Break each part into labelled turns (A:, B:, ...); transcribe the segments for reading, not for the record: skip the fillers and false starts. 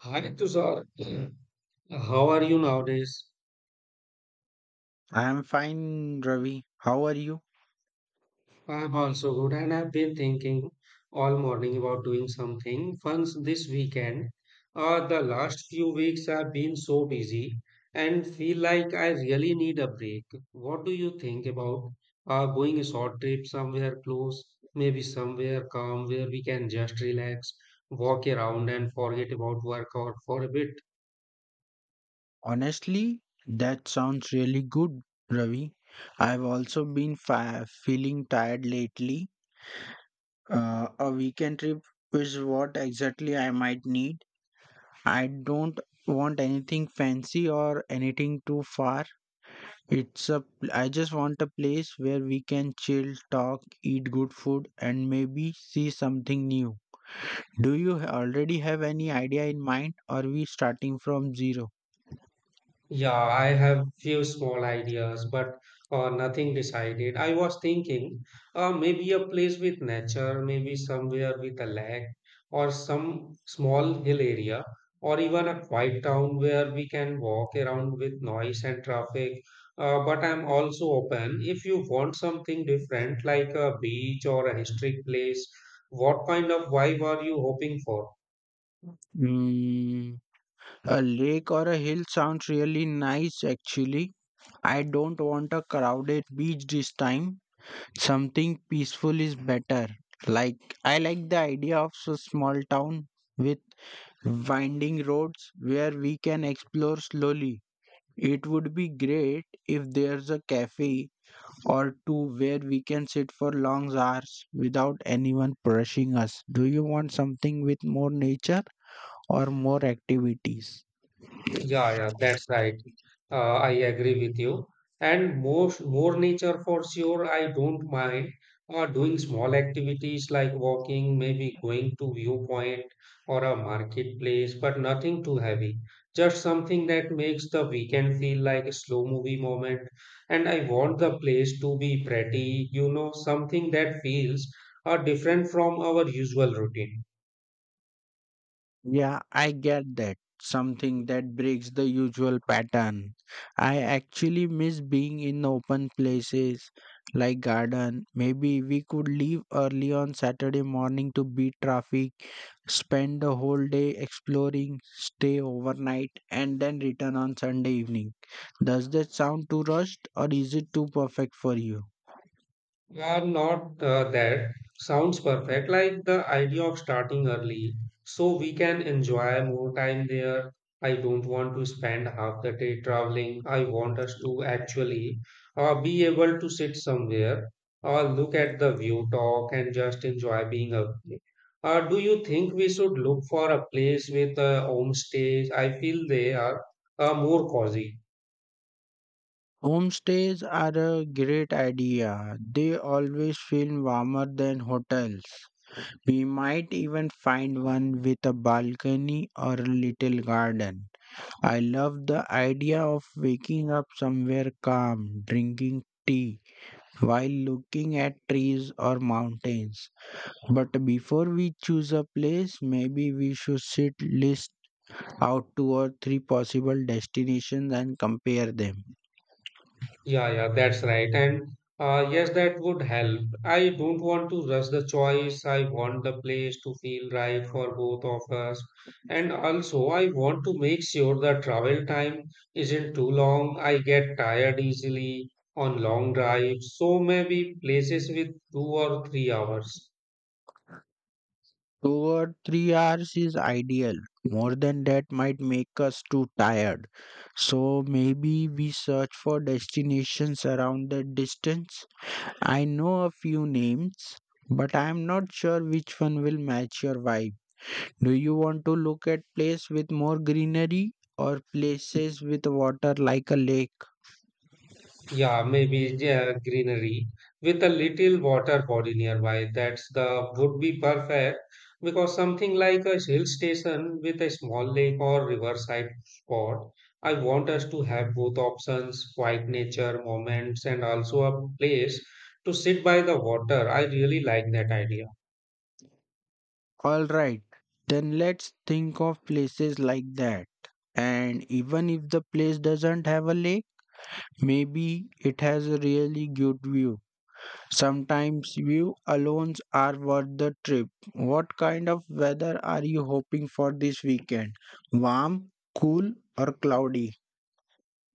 A: Hi Tushar, how are you nowadays?
B: I am fine, Ravi. How are you?
A: I'm also good, and I've been thinking all morning about doing something fun this weekend. The last few weeks have been so busy and feel like I really need a break. What do you think about going a short trip somewhere close, maybe somewhere calm where we can just relax, walk around, and forget about work or for a bit?
B: Honestly, that sounds really good, Ravi. I've also been feeling tired lately. A weekend trip is what exactly I might need. I don't want anything fancy or anything too far. It's a I just want a place where we can chill, talk, eat good food, and maybe see something new. Do you already have any idea in mind, or are we starting from zero?
A: Yeah, I have few small ideas, but nothing decided. I was thinking maybe a place with nature, maybe somewhere with a lake, or some small hill area, or even a quiet town where we can walk around with noise and traffic. But I'm also open if you want something different, like a beach or a historic place. What kind of vibe are you hoping for?
B: Mm, a lake or a hill sounds really nice actually. I don't want a crowded beach this time. Something peaceful is better. Like, I like the idea of a small town with winding roads where we can explore slowly. It would be great if there's a cafe or two where we can sit for long hours without anyone pushing us. Do you want something with more nature or more activities?
A: Yeah, yeah, that's right. I agree with you. And more nature for sure. I don't mind doing small activities like walking, maybe going to viewpoint or a marketplace, but nothing too heavy. Just something that makes the weekend feel like a slow movie moment. And I want the place to be pretty, something that feels different from our usual routine.
B: Yeah, I get that. Something that breaks the usual pattern. I actually miss being in open places like garden. Maybe we could leave early on Saturday morning to beat traffic, spend the whole day exploring, stay overnight, and then return on Sunday evening. Does that sound too rushed or is it too perfect for you?
A: Well, not that. Sounds perfect. Like the idea of starting early so we can enjoy more time there. I don't want to spend half the day traveling. I want us to actually be able to sit somewhere or look at the view, talk, and just enjoy being up there. Do you think we should look for a place with homestays? I feel they are more cozy.
B: Homestays are a great idea. They always feel warmer than hotels. We might even find one with a balcony or a little garden. I love the idea of waking up somewhere calm, drinking tea while looking at trees or mountains. But before we choose a place, maybe we should sit list out two or three possible destinations and compare them.
A: Yeah, yeah, that's right. And yes, that would help. I don't want to rush the choice. I want the place to feel right for both of us. And also, I want to make sure the travel time isn't too long. I get tired easily on long drives. So maybe places with 2 or 3 hours.
B: 2 or 3 hours is ideal. More than that might make us too tired. So maybe we search for destinations around that distance. I know a few names, but I am not sure which one will match your vibe. Do you want to look at place with more greenery or places with water like a lake?
A: Yeah, maybe yeah, greenery with a little water body nearby. That's the would be perfect because something like a hill station with a small lake or riverside spot. I want us to have both options, quiet nature moments, and also a place to sit by the water. I really like that idea.
B: All right, then let's think of places like that. And even if the place doesn't have a lake, maybe it has a really good view. Sometimes view alone are worth the trip. What kind of weather are you hoping for this weekend? Warm, cool, or cloudy?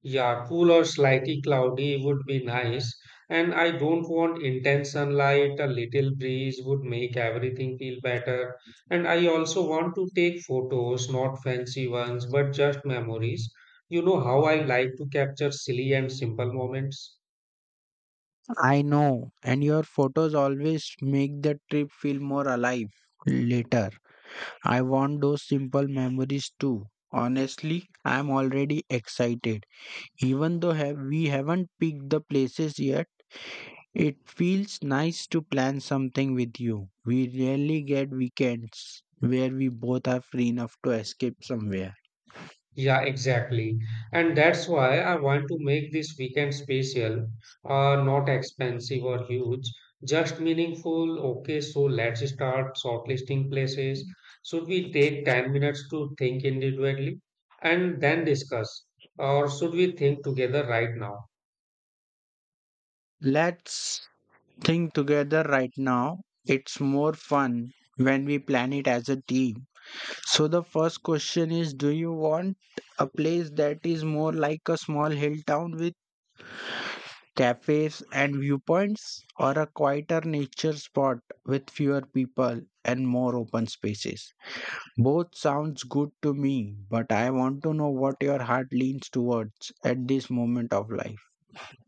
A: Yeah, cool or slightly cloudy would be nice. And I don't want intense sunlight, a little breeze would make everything feel better. And I also want to take photos, not fancy ones, but just memories. You know how I like to capture silly and simple moments.
B: I know, and your photos always make the trip feel more alive. Later, I want those simple memories too. Honestly, I'm already excited. Even though we haven't picked the places yet. It feels nice to plan something with you. We rarely get weekends where we both are free enough to escape somewhere.
A: Yeah, exactly. And that's why I want to make this weekend special, not expensive or huge, just meaningful. Okay, so let's start shortlisting places. Should we take 10 minutes to think individually and then discuss? Or should we think together right now?
B: Let's think together right now. It's more fun when we plan it as a team. So, the first question is: do you want a place that is more like a small hill town with cafes and viewpoints, or a quieter nature spot with fewer people and more open spaces? Both sounds good to me, but I want to know what your heart leans towards at this moment of life.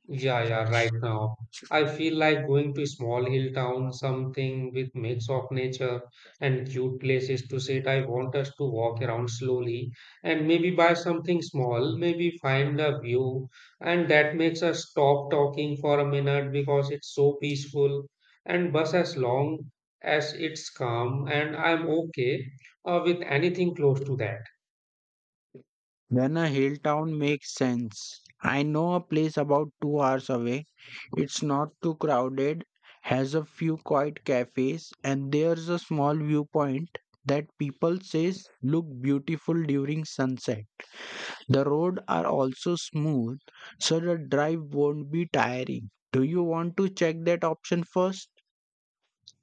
A: Yeah, yeah, right now. I feel like going to small hill town, something with mix of nature and cute places to sit. I want us to walk around slowly and maybe buy something small, maybe find a view, and that makes us stop talking for a minute because it's so peaceful. And bus as long as it's calm, and I'm okay with anything close to that.
B: Then a hill town makes sense. I know a place about 2 hours away. It's not too crowded, has a few quiet cafes, and there's a small viewpoint that people says look beautiful during sunset. The road are also smooth, so the drive won't be tiring. Do you want to check that option first?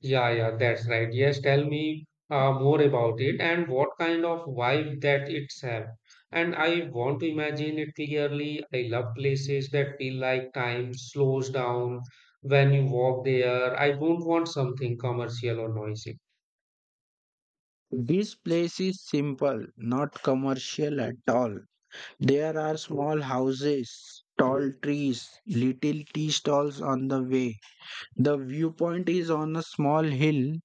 A: Yeah, yeah, that's right. Yes, tell me more about it and what kind of vibe that it's have. And I want to imagine it clearly. I love places that feel like time slows down when you walk there. I don't want something commercial or noisy.
B: This place is simple, not commercial at all. There are small houses, tall trees, little tea stalls on the way. The viewpoint is on a small hill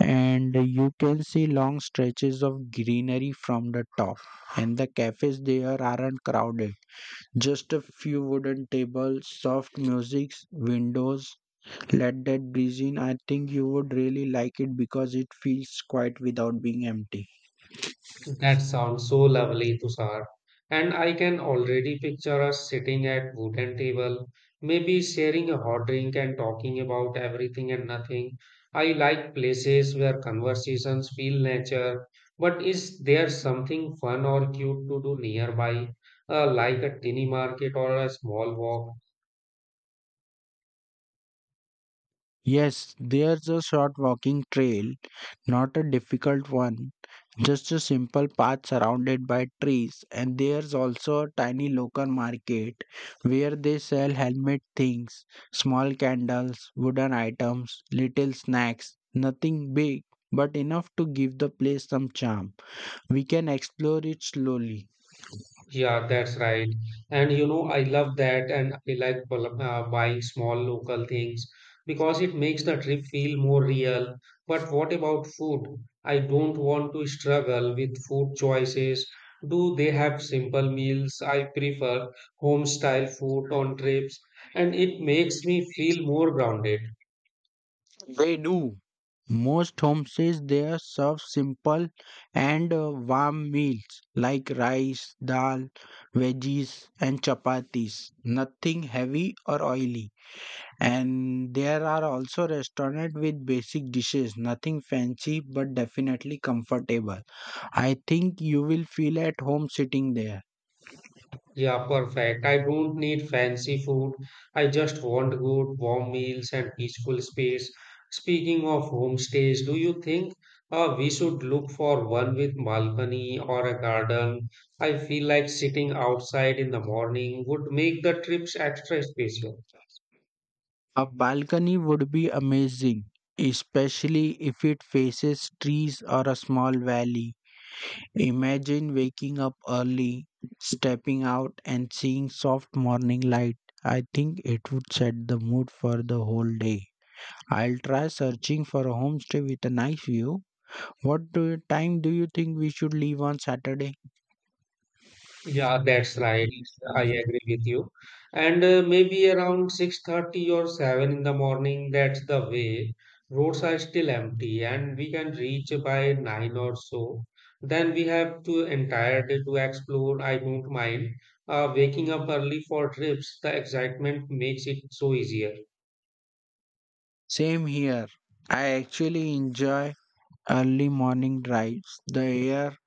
B: and you can see long stretches of greenery from the top. And the cafes there aren't crowded. Just a few wooden tables, soft music, windows. Let that breeze in. I think you would really like it because it feels quiet without being empty.
A: That sounds so lovely, Tushar. And I can already picture us sitting at wooden table, maybe sharing a hot drink and talking about everything and nothing. I like places where conversations feel nature, but is there something fun or cute to do nearby, like a tiny market or a small walk?
B: Yes, there's a short walking trail, not a difficult one, just a simple path surrounded by trees. And there's also a tiny local market where they sell handmade things, small candles, wooden items, little snacks, nothing big, but enough to give the place some charm. We can explore it slowly.
A: Yeah, that's right. And you know, I love that. And I like buying small local things because it makes the trip feel more real. But what about food? I don't want to struggle with food choices. Do they have simple meals? I prefer home style food on trips, and it makes me feel more grounded.
B: They do. Most homestays there serve simple and warm meals like rice, dal, veggies, and chapatis. Nothing heavy or oily. And there are also restaurants with basic dishes, nothing fancy but definitely comfortable. I think you will feel at home sitting there.
A: Yeah, perfect. I don't need fancy food. I just want good, warm meals and peaceful space. Speaking of homestays, do you think we should look for one with balcony or a garden? I feel like sitting outside in the morning would make the trips extra special.
B: A balcony would be amazing, especially if it faces trees or a small valley. Imagine waking up early, stepping out, and seeing soft morning light. I think it would set the mood for the whole day. I'll try searching for a homestay with a nice view. What time do you think we should leave on Saturday?
A: Yeah, that's right. I agree with you. And maybe around 6:30 or 7 in the morning, that's the way. Roads are still empty and we can reach by 9 or so. Then we have to entire day to explore. I don't mind. Waking up early for trips, the excitement makes it so easier.
B: Same here. I actually enjoy early morning drives. The air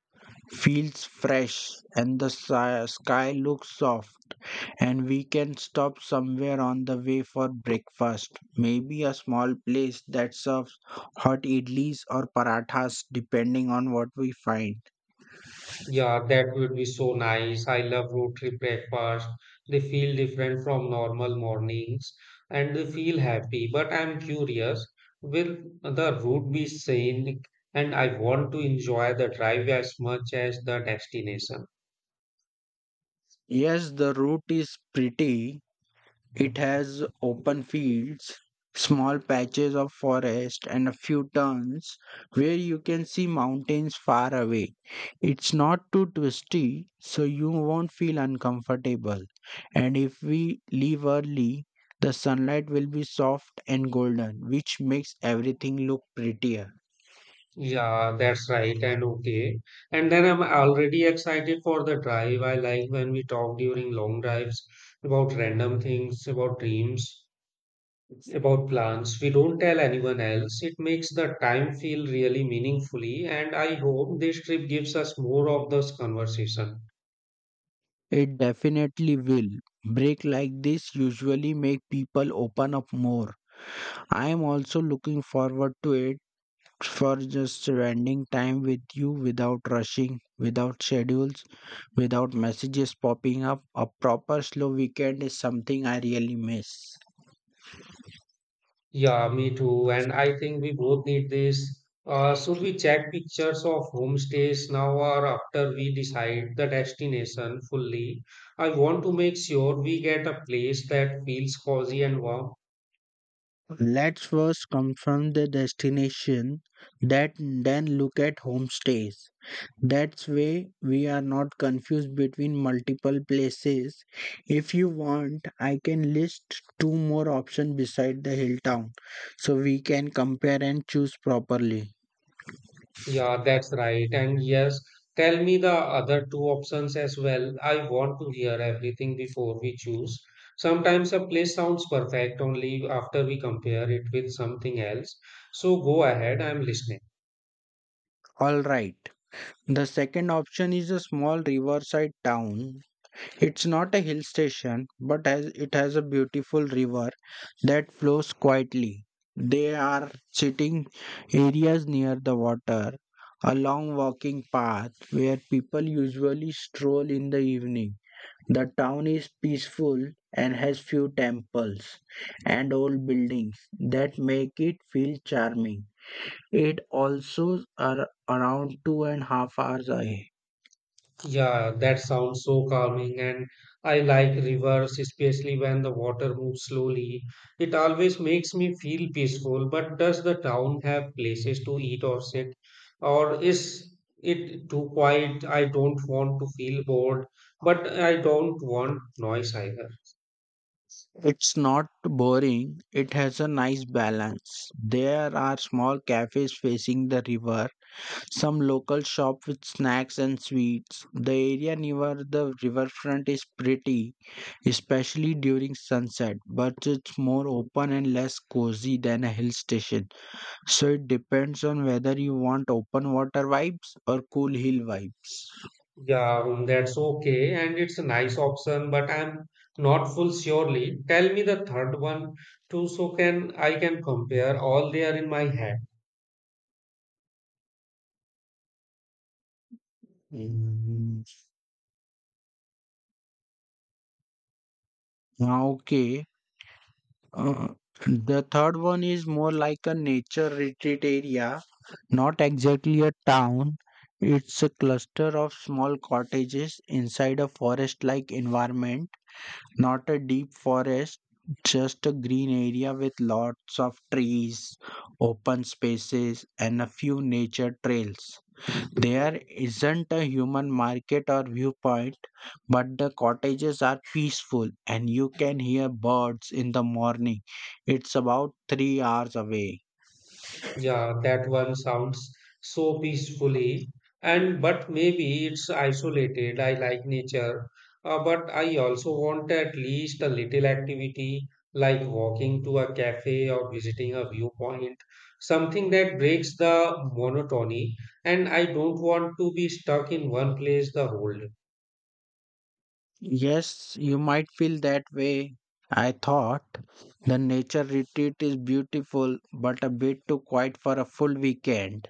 B: feels fresh and the sky looks soft. And we can stop somewhere on the way for breakfast. Maybe a small place that serves hot idlis or parathas, depending on what we find.
A: Yeah, that would be so nice. I love road trip breakfast. They feel different from normal mornings and they feel happy. But I'm curious, will the route be scenic? And I want to enjoy the drive as much as the destination.
B: Yes, the route is pretty. It has open fields, small patches of forest, and a few turns where you can see mountains far away. It's not too twisty, so you won't feel uncomfortable. And if we leave early, the sunlight will be soft and golden, which makes everything look prettier.
A: Yeah, that's right. And okay. And then I'm already excited for the drive. I like when we talk during long drives about random things, about dreams, about plans. We don't tell anyone else. It makes the time feel really meaningfully, and I hope this trip gives us more of this conversation.
B: It definitely will. Break like this usually make people open up more. I am also looking forward to it for just spending time with you without rushing, without schedules, without messages popping up. A proper slow weekend is something I really miss.
A: Yeah, me too. And I think we both need this. Should we check pictures of homestays now or after we decide the destination fully? I want to make sure we get a place that feels cozy and warm.
B: Let's first confirm the destination, that then look at homestays. That's way we are not confused between multiple places. If you want, I can list two more options beside the hill town so we can compare and choose properly.
A: Yeah, that's right. And yes, tell me the other two options as well. I want to hear everything before we choose. Sometimes a place sounds perfect only after we compare it with something else. So go ahead, I'm listening.
B: All right. The second option is a small riverside town. It's not a hill station, but it has a beautiful river that flows quietly. There are sitting areas near the water, a long walking path where people usually stroll in the evening. The town is peaceful and has few temples and old buildings that make it feel charming. It also are around two and a half hours away.
A: Yeah, that sounds so calming, and I like rivers, especially when the water moves slowly. It always makes me feel peaceful. But does the town have places to eat or sit, or is it too quiet? I don't want to feel bored, but I don't want noise either.
B: It's not boring, it has a nice balance. There are small cafes facing the river, some local shop with snacks and sweets. The area near the riverfront is pretty, especially during sunset, but it's more open and less cozy than a hill station. So it depends on whether you want open water vibes or cool hill vibes.
A: Yeah, that's okay, and it's a nice option, but I'm not full surely. Tell me the third one too, so can I can compare all there in my head.
B: Mm, Ah, Okay, Uh, the third one is more like a nature retreat area, not exactly a town. It's a cluster of small cottages inside a forest like environment, not a deep forest, just a green area with lots of trees, open spaces, and a few nature trails. There isn't a human market or viewpoint but the cottages are peaceful and you can hear birds in the morning. It's about 3 hours away.
A: Yeah, that one sounds so peacefully. And but maybe it's isolated. I like nature, but I also want at least a little activity like walking to a cafe or visiting a viewpoint, something that breaks the monotony. And I don't want to be stuck in one place the whole day.
B: Yes, you might feel that way. I thought the nature retreat is beautiful, but a bit too quiet for a full weekend.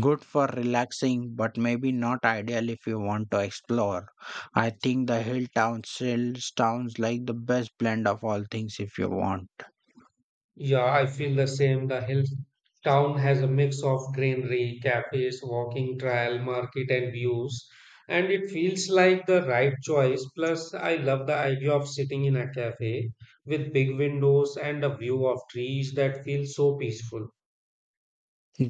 B: Good for relaxing, but maybe not ideal if you want to explore. I think the hill town still sounds like the best blend of all things if you want.
A: Yeah, I feel the same. The hill town has a mix of greenery, cafes, walking trail, market, and views. And it feels like the right choice. Plus, I love the idea of sitting in a cafe with big windows and a view of trees that feels so peaceful.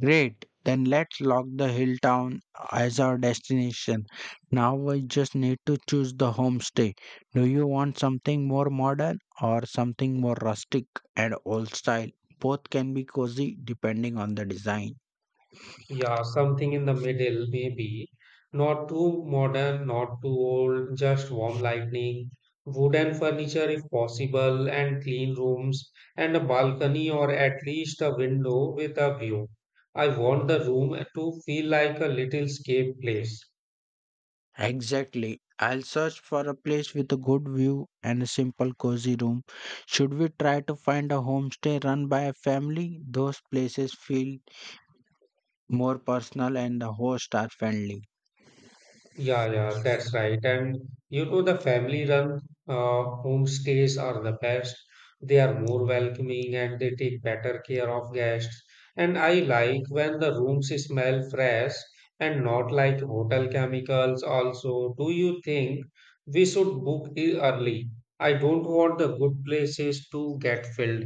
B: Great. Then let's lock the hill town as our destination. Now we just need to choose the homestay. Do you want something more modern or something more rustic and old style? Both can be cozy depending on the design.
A: Yeah, something in the middle, maybe. Not too modern, not too old, just warm lighting, wooden furniture if possible, and clean rooms, and a balcony or at least a window with a view. I want the room to feel like a little escape place.
B: Exactly. I'll search for a place with a good view and a simple cozy room. Should we try to find a homestay run by a family? Those places feel more personal and the hosts are friendly.
A: Yeah, yeah, that's right. And you know, the family-run homestays are the best. They are more welcoming and they take better care of guests. And I like when the rooms smell fresh and not like hotel chemicals. Also, do you think we should book early? I don't want the good places to get filled.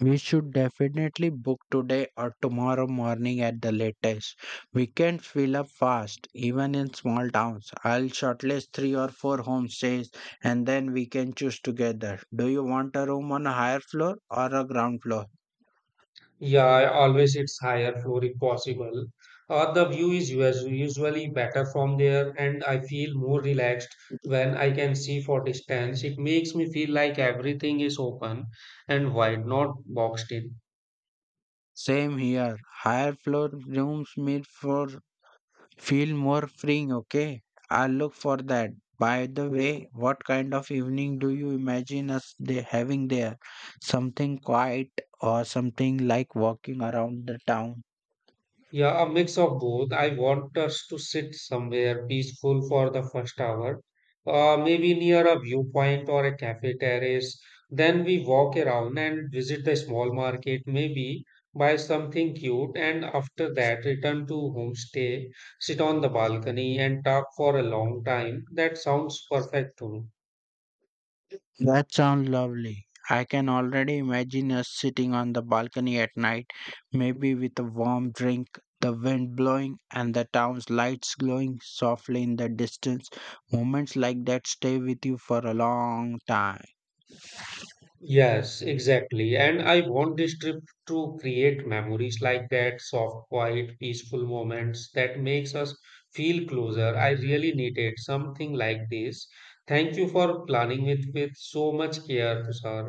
B: We should definitely book today or tomorrow morning at the latest. Weekends fill up fast, even in small towns. I'll shortlist three or four homestays and then we can choose together. Do you want a room on a higher floor or a ground floor?
A: Yeah, I always it's higher floor if possible. Or the view is usually better from there, and I feel more relaxed when I can see for distance. It makes me feel like everything is open and wide, not boxed in.
B: Same here. Higher floor rooms meet for feel more freeing, okay? I'll look for that. By the way, what kind of evening do you imagine us they having there? Something quiet or something like walking around the town?
A: Yeah, a mix of both. I want us to sit somewhere peaceful for the first hour, maybe near a viewpoint or a cafe terrace. Then we walk around and visit the small market, maybe buy something cute, and after that, return to homestay, sit on the balcony, and talk for a long time. That sounds perfect to me.
B: That sounds lovely. I can already imagine us sitting on the balcony at night, maybe with a warm drink, the wind blowing, and the town's lights glowing softly in the distance. Moments like that stay with you for a long time.
A: Yes, exactly. And I want this trip to create memories like that, soft, quiet, peaceful moments that makes us feel closer. I really needed something like this. Thank you for planning it with so much care, Tushar.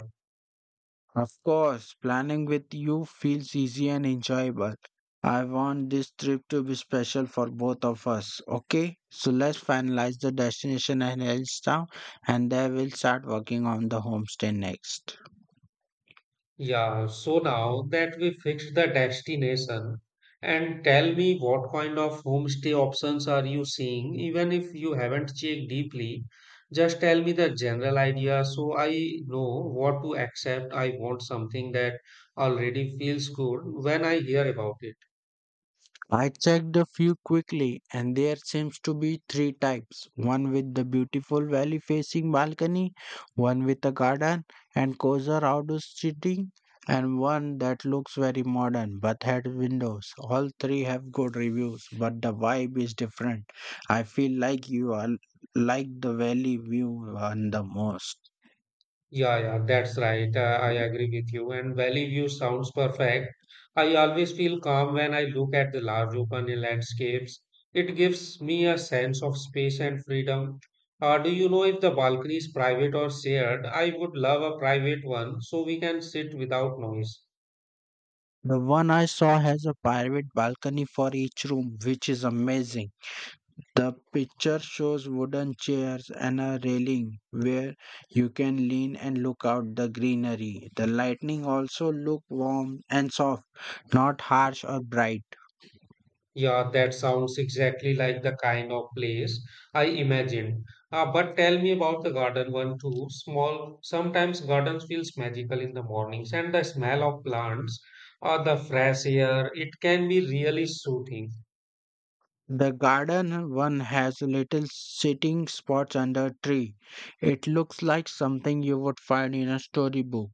B: Of course, planning with you feels easy and enjoyable. I want this trip to be special for both of us. Okay, so let's finalize the destination and Hellstown and then we'll start working on the homestay next.
A: Yeah, so now that we fixed the destination, and tell me what kind of homestay options are you seeing, even if you haven't checked deeply, just tell me the general idea so I know what to accept. I want something that already feels good when I hear about it.
B: I checked a few quickly, and there seems to be three types: one with the beautiful valley facing balcony, one with a garden and cozier outdoor seating, and one that looks very modern but had windows. All three have good reviews, but the vibe is different. I feel like you are like the valley view one the most.
A: Yeah, yeah, that's right. I agree with you. And Valley View sounds perfect. I always feel calm when I look at the large open landscapes. It gives me a sense of space and freedom. Do you know if the balcony is private or shared? I would love a private one so we can sit without noise.
B: The one I saw has a private balcony for each room, which is amazing. The picture shows wooden chairs and a railing where you can lean and look out the greenery. The lightning also look warm and soft, not harsh or bright.
A: Yeah, that sounds exactly like the kind of place I imagined. But tell me about the garden one too. Small, sometimes gardens feels magical in the mornings and the smell of plants or the fresh air, it can be really soothing.
B: The garden one has little sitting spots under a tree. It looks like something you would find in a storybook,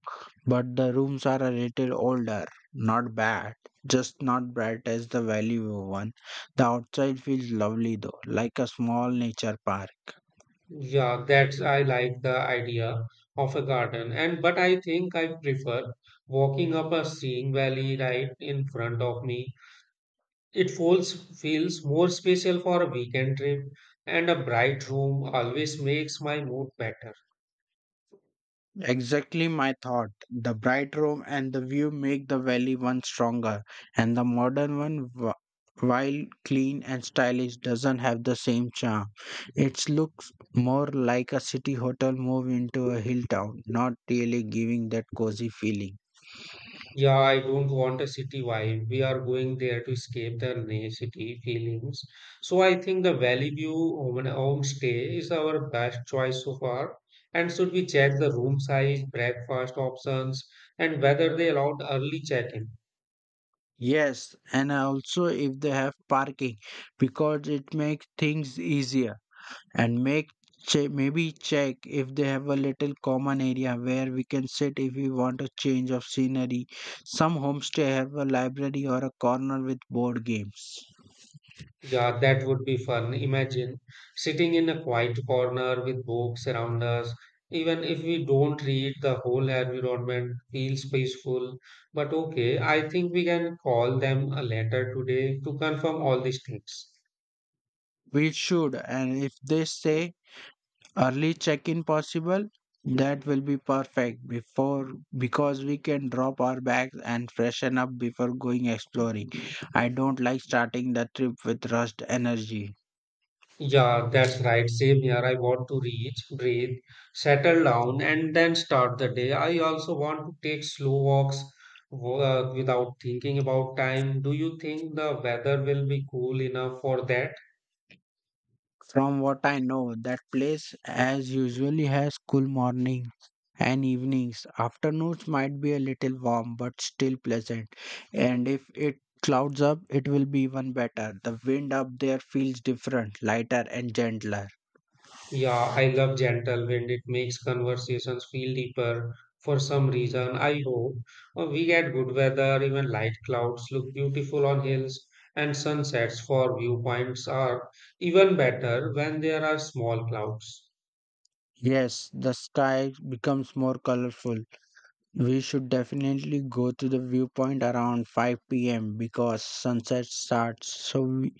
B: but the rooms are a little older. Not bad, just not bright as the valley one. The outside feels lovely though, like a small nature park.
A: Yeah, that's I like the idea of a garden. And but I think I prefer walking up a seeing valley right in front of me. It feels, feels more special for a weekend trip, and a bright room always makes my mood better.
B: Exactly my thought. The bright room and the view make the valley one stronger, and the modern one, while clean and stylish, doesn't have the same charm. It looks more like a city hotel moved into a hill town, not really giving that cozy feeling.
A: Yeah, I don't want a city vibe. We are going there to escape the city feelings. So I think the Valley View homestay is our best choice so far. And should we check the room size, breakfast options, and whether they allowed early check-in?
B: Yes, and also if they have parking, because it makes things easier. and make Maybe check if they have a little common area where we can sit if we want a change of scenery. Some homestay have a library or a corner with board games.
A: Yeah, that would be fun. Imagine sitting in a quiet corner with books around us. Even if we don't read, the whole environment feels peaceful. But okay, I think we can call them a letter today to confirm all these things.
B: We should, and if they say early check-in possible, that will be perfect before because we can drop our bags and freshen up before going exploring. I don't like starting the trip with rushed energy.
A: Yeah, that's right. Same here. I want to reach, breathe, settle down, and then start the day. I also want to take slow walks without thinking about time. Do you think the weather will be cool enough for that?
B: From what I know, that place as usually has cool morning and evenings. Afternoons might be a little warm but still pleasant. And if it clouds up, it will be even better. The wind up there feels different, lighter, and gentler.
A: Yeah, I love gentle wind. It makes conversations feel deeper for some reason. I hope we get good weather, even light clouds look beautiful on hills, and sunsets for viewpoints are even better when there are small clouds.
B: Yes, the sky becomes more colorful. We should definitely go to the viewpoint around 5 p.m. because sunset starts, so we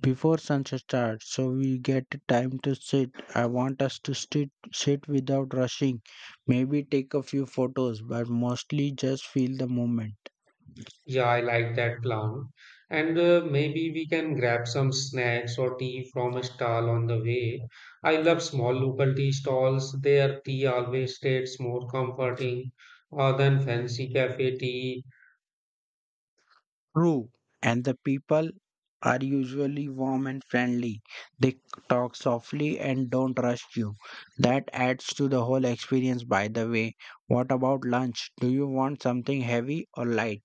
B: before sunset starts so we get time to sit. I want us to sit without rushing, maybe take a few photos but mostly just feel the moment.
A: Yeah, I like that plan. And maybe we can grab some snacks or tea from a stall on the way. I love small local tea stalls. Their tea always tastes more comforting than fancy cafe tea.
B: True. And the people are usually warm and friendly. They talk softly and don't rush you. That adds to the whole experience. By the way, what about lunch? Do you want something heavy or light?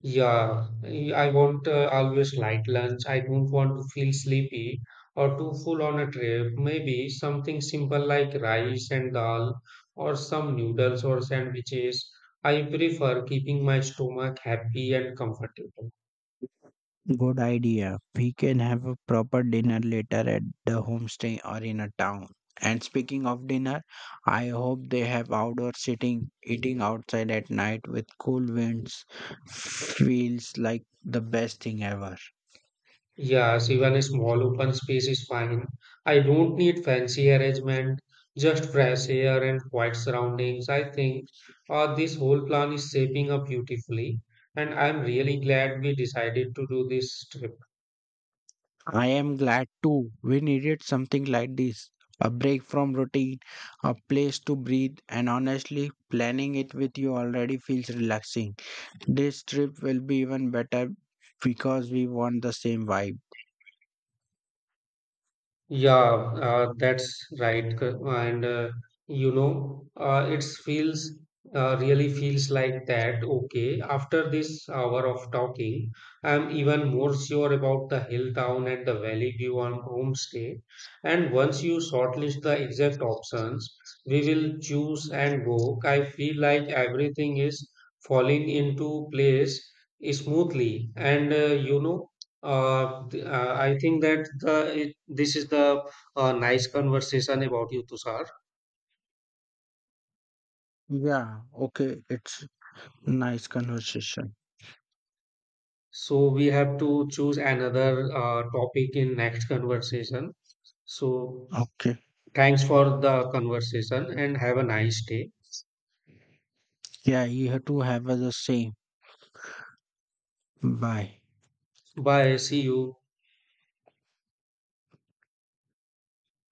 A: Yeah, I want always light lunch. I don't want to feel sleepy or too full on a trip. Maybe something simple like rice and dal or some noodles or sandwiches. I prefer keeping my stomach happy and comfortable.
B: Good idea. We can have a proper dinner later at the homestay or in a town. And speaking of dinner, I hope they have outdoor sitting. Eating outside at night with cool winds feels like the best thing ever.
A: Yes, even a small open space is fine. I don't need fancy arrangement, just fresh air and quiet surroundings. I think this whole plan is shaping up beautifully, and I'm really glad we decided to do this trip.
B: I am glad too. We needed something like this. A break from routine, a place to breathe, and honestly, planning it with you already feels relaxing. This trip will be even better because we want the same vibe.
A: Yeah, that's right. c- And you know, it feels really feels like that. Okay, after this hour of talking, I'm even more sure about the hill town and the valley view on homestay. And once you shortlist the exact options, we will choose and go. I feel like everything is falling into place smoothly. And you know. Th- I think that this is the nice conversation about you, Tushar.
B: Yeah, okay. It's nice conversation.
A: So we have to choose another topic in next conversation. So
B: Okay.
A: thanks for the conversation and have a nice day.
B: Yeah, you have to have the same. Bye.
A: Bye. See you.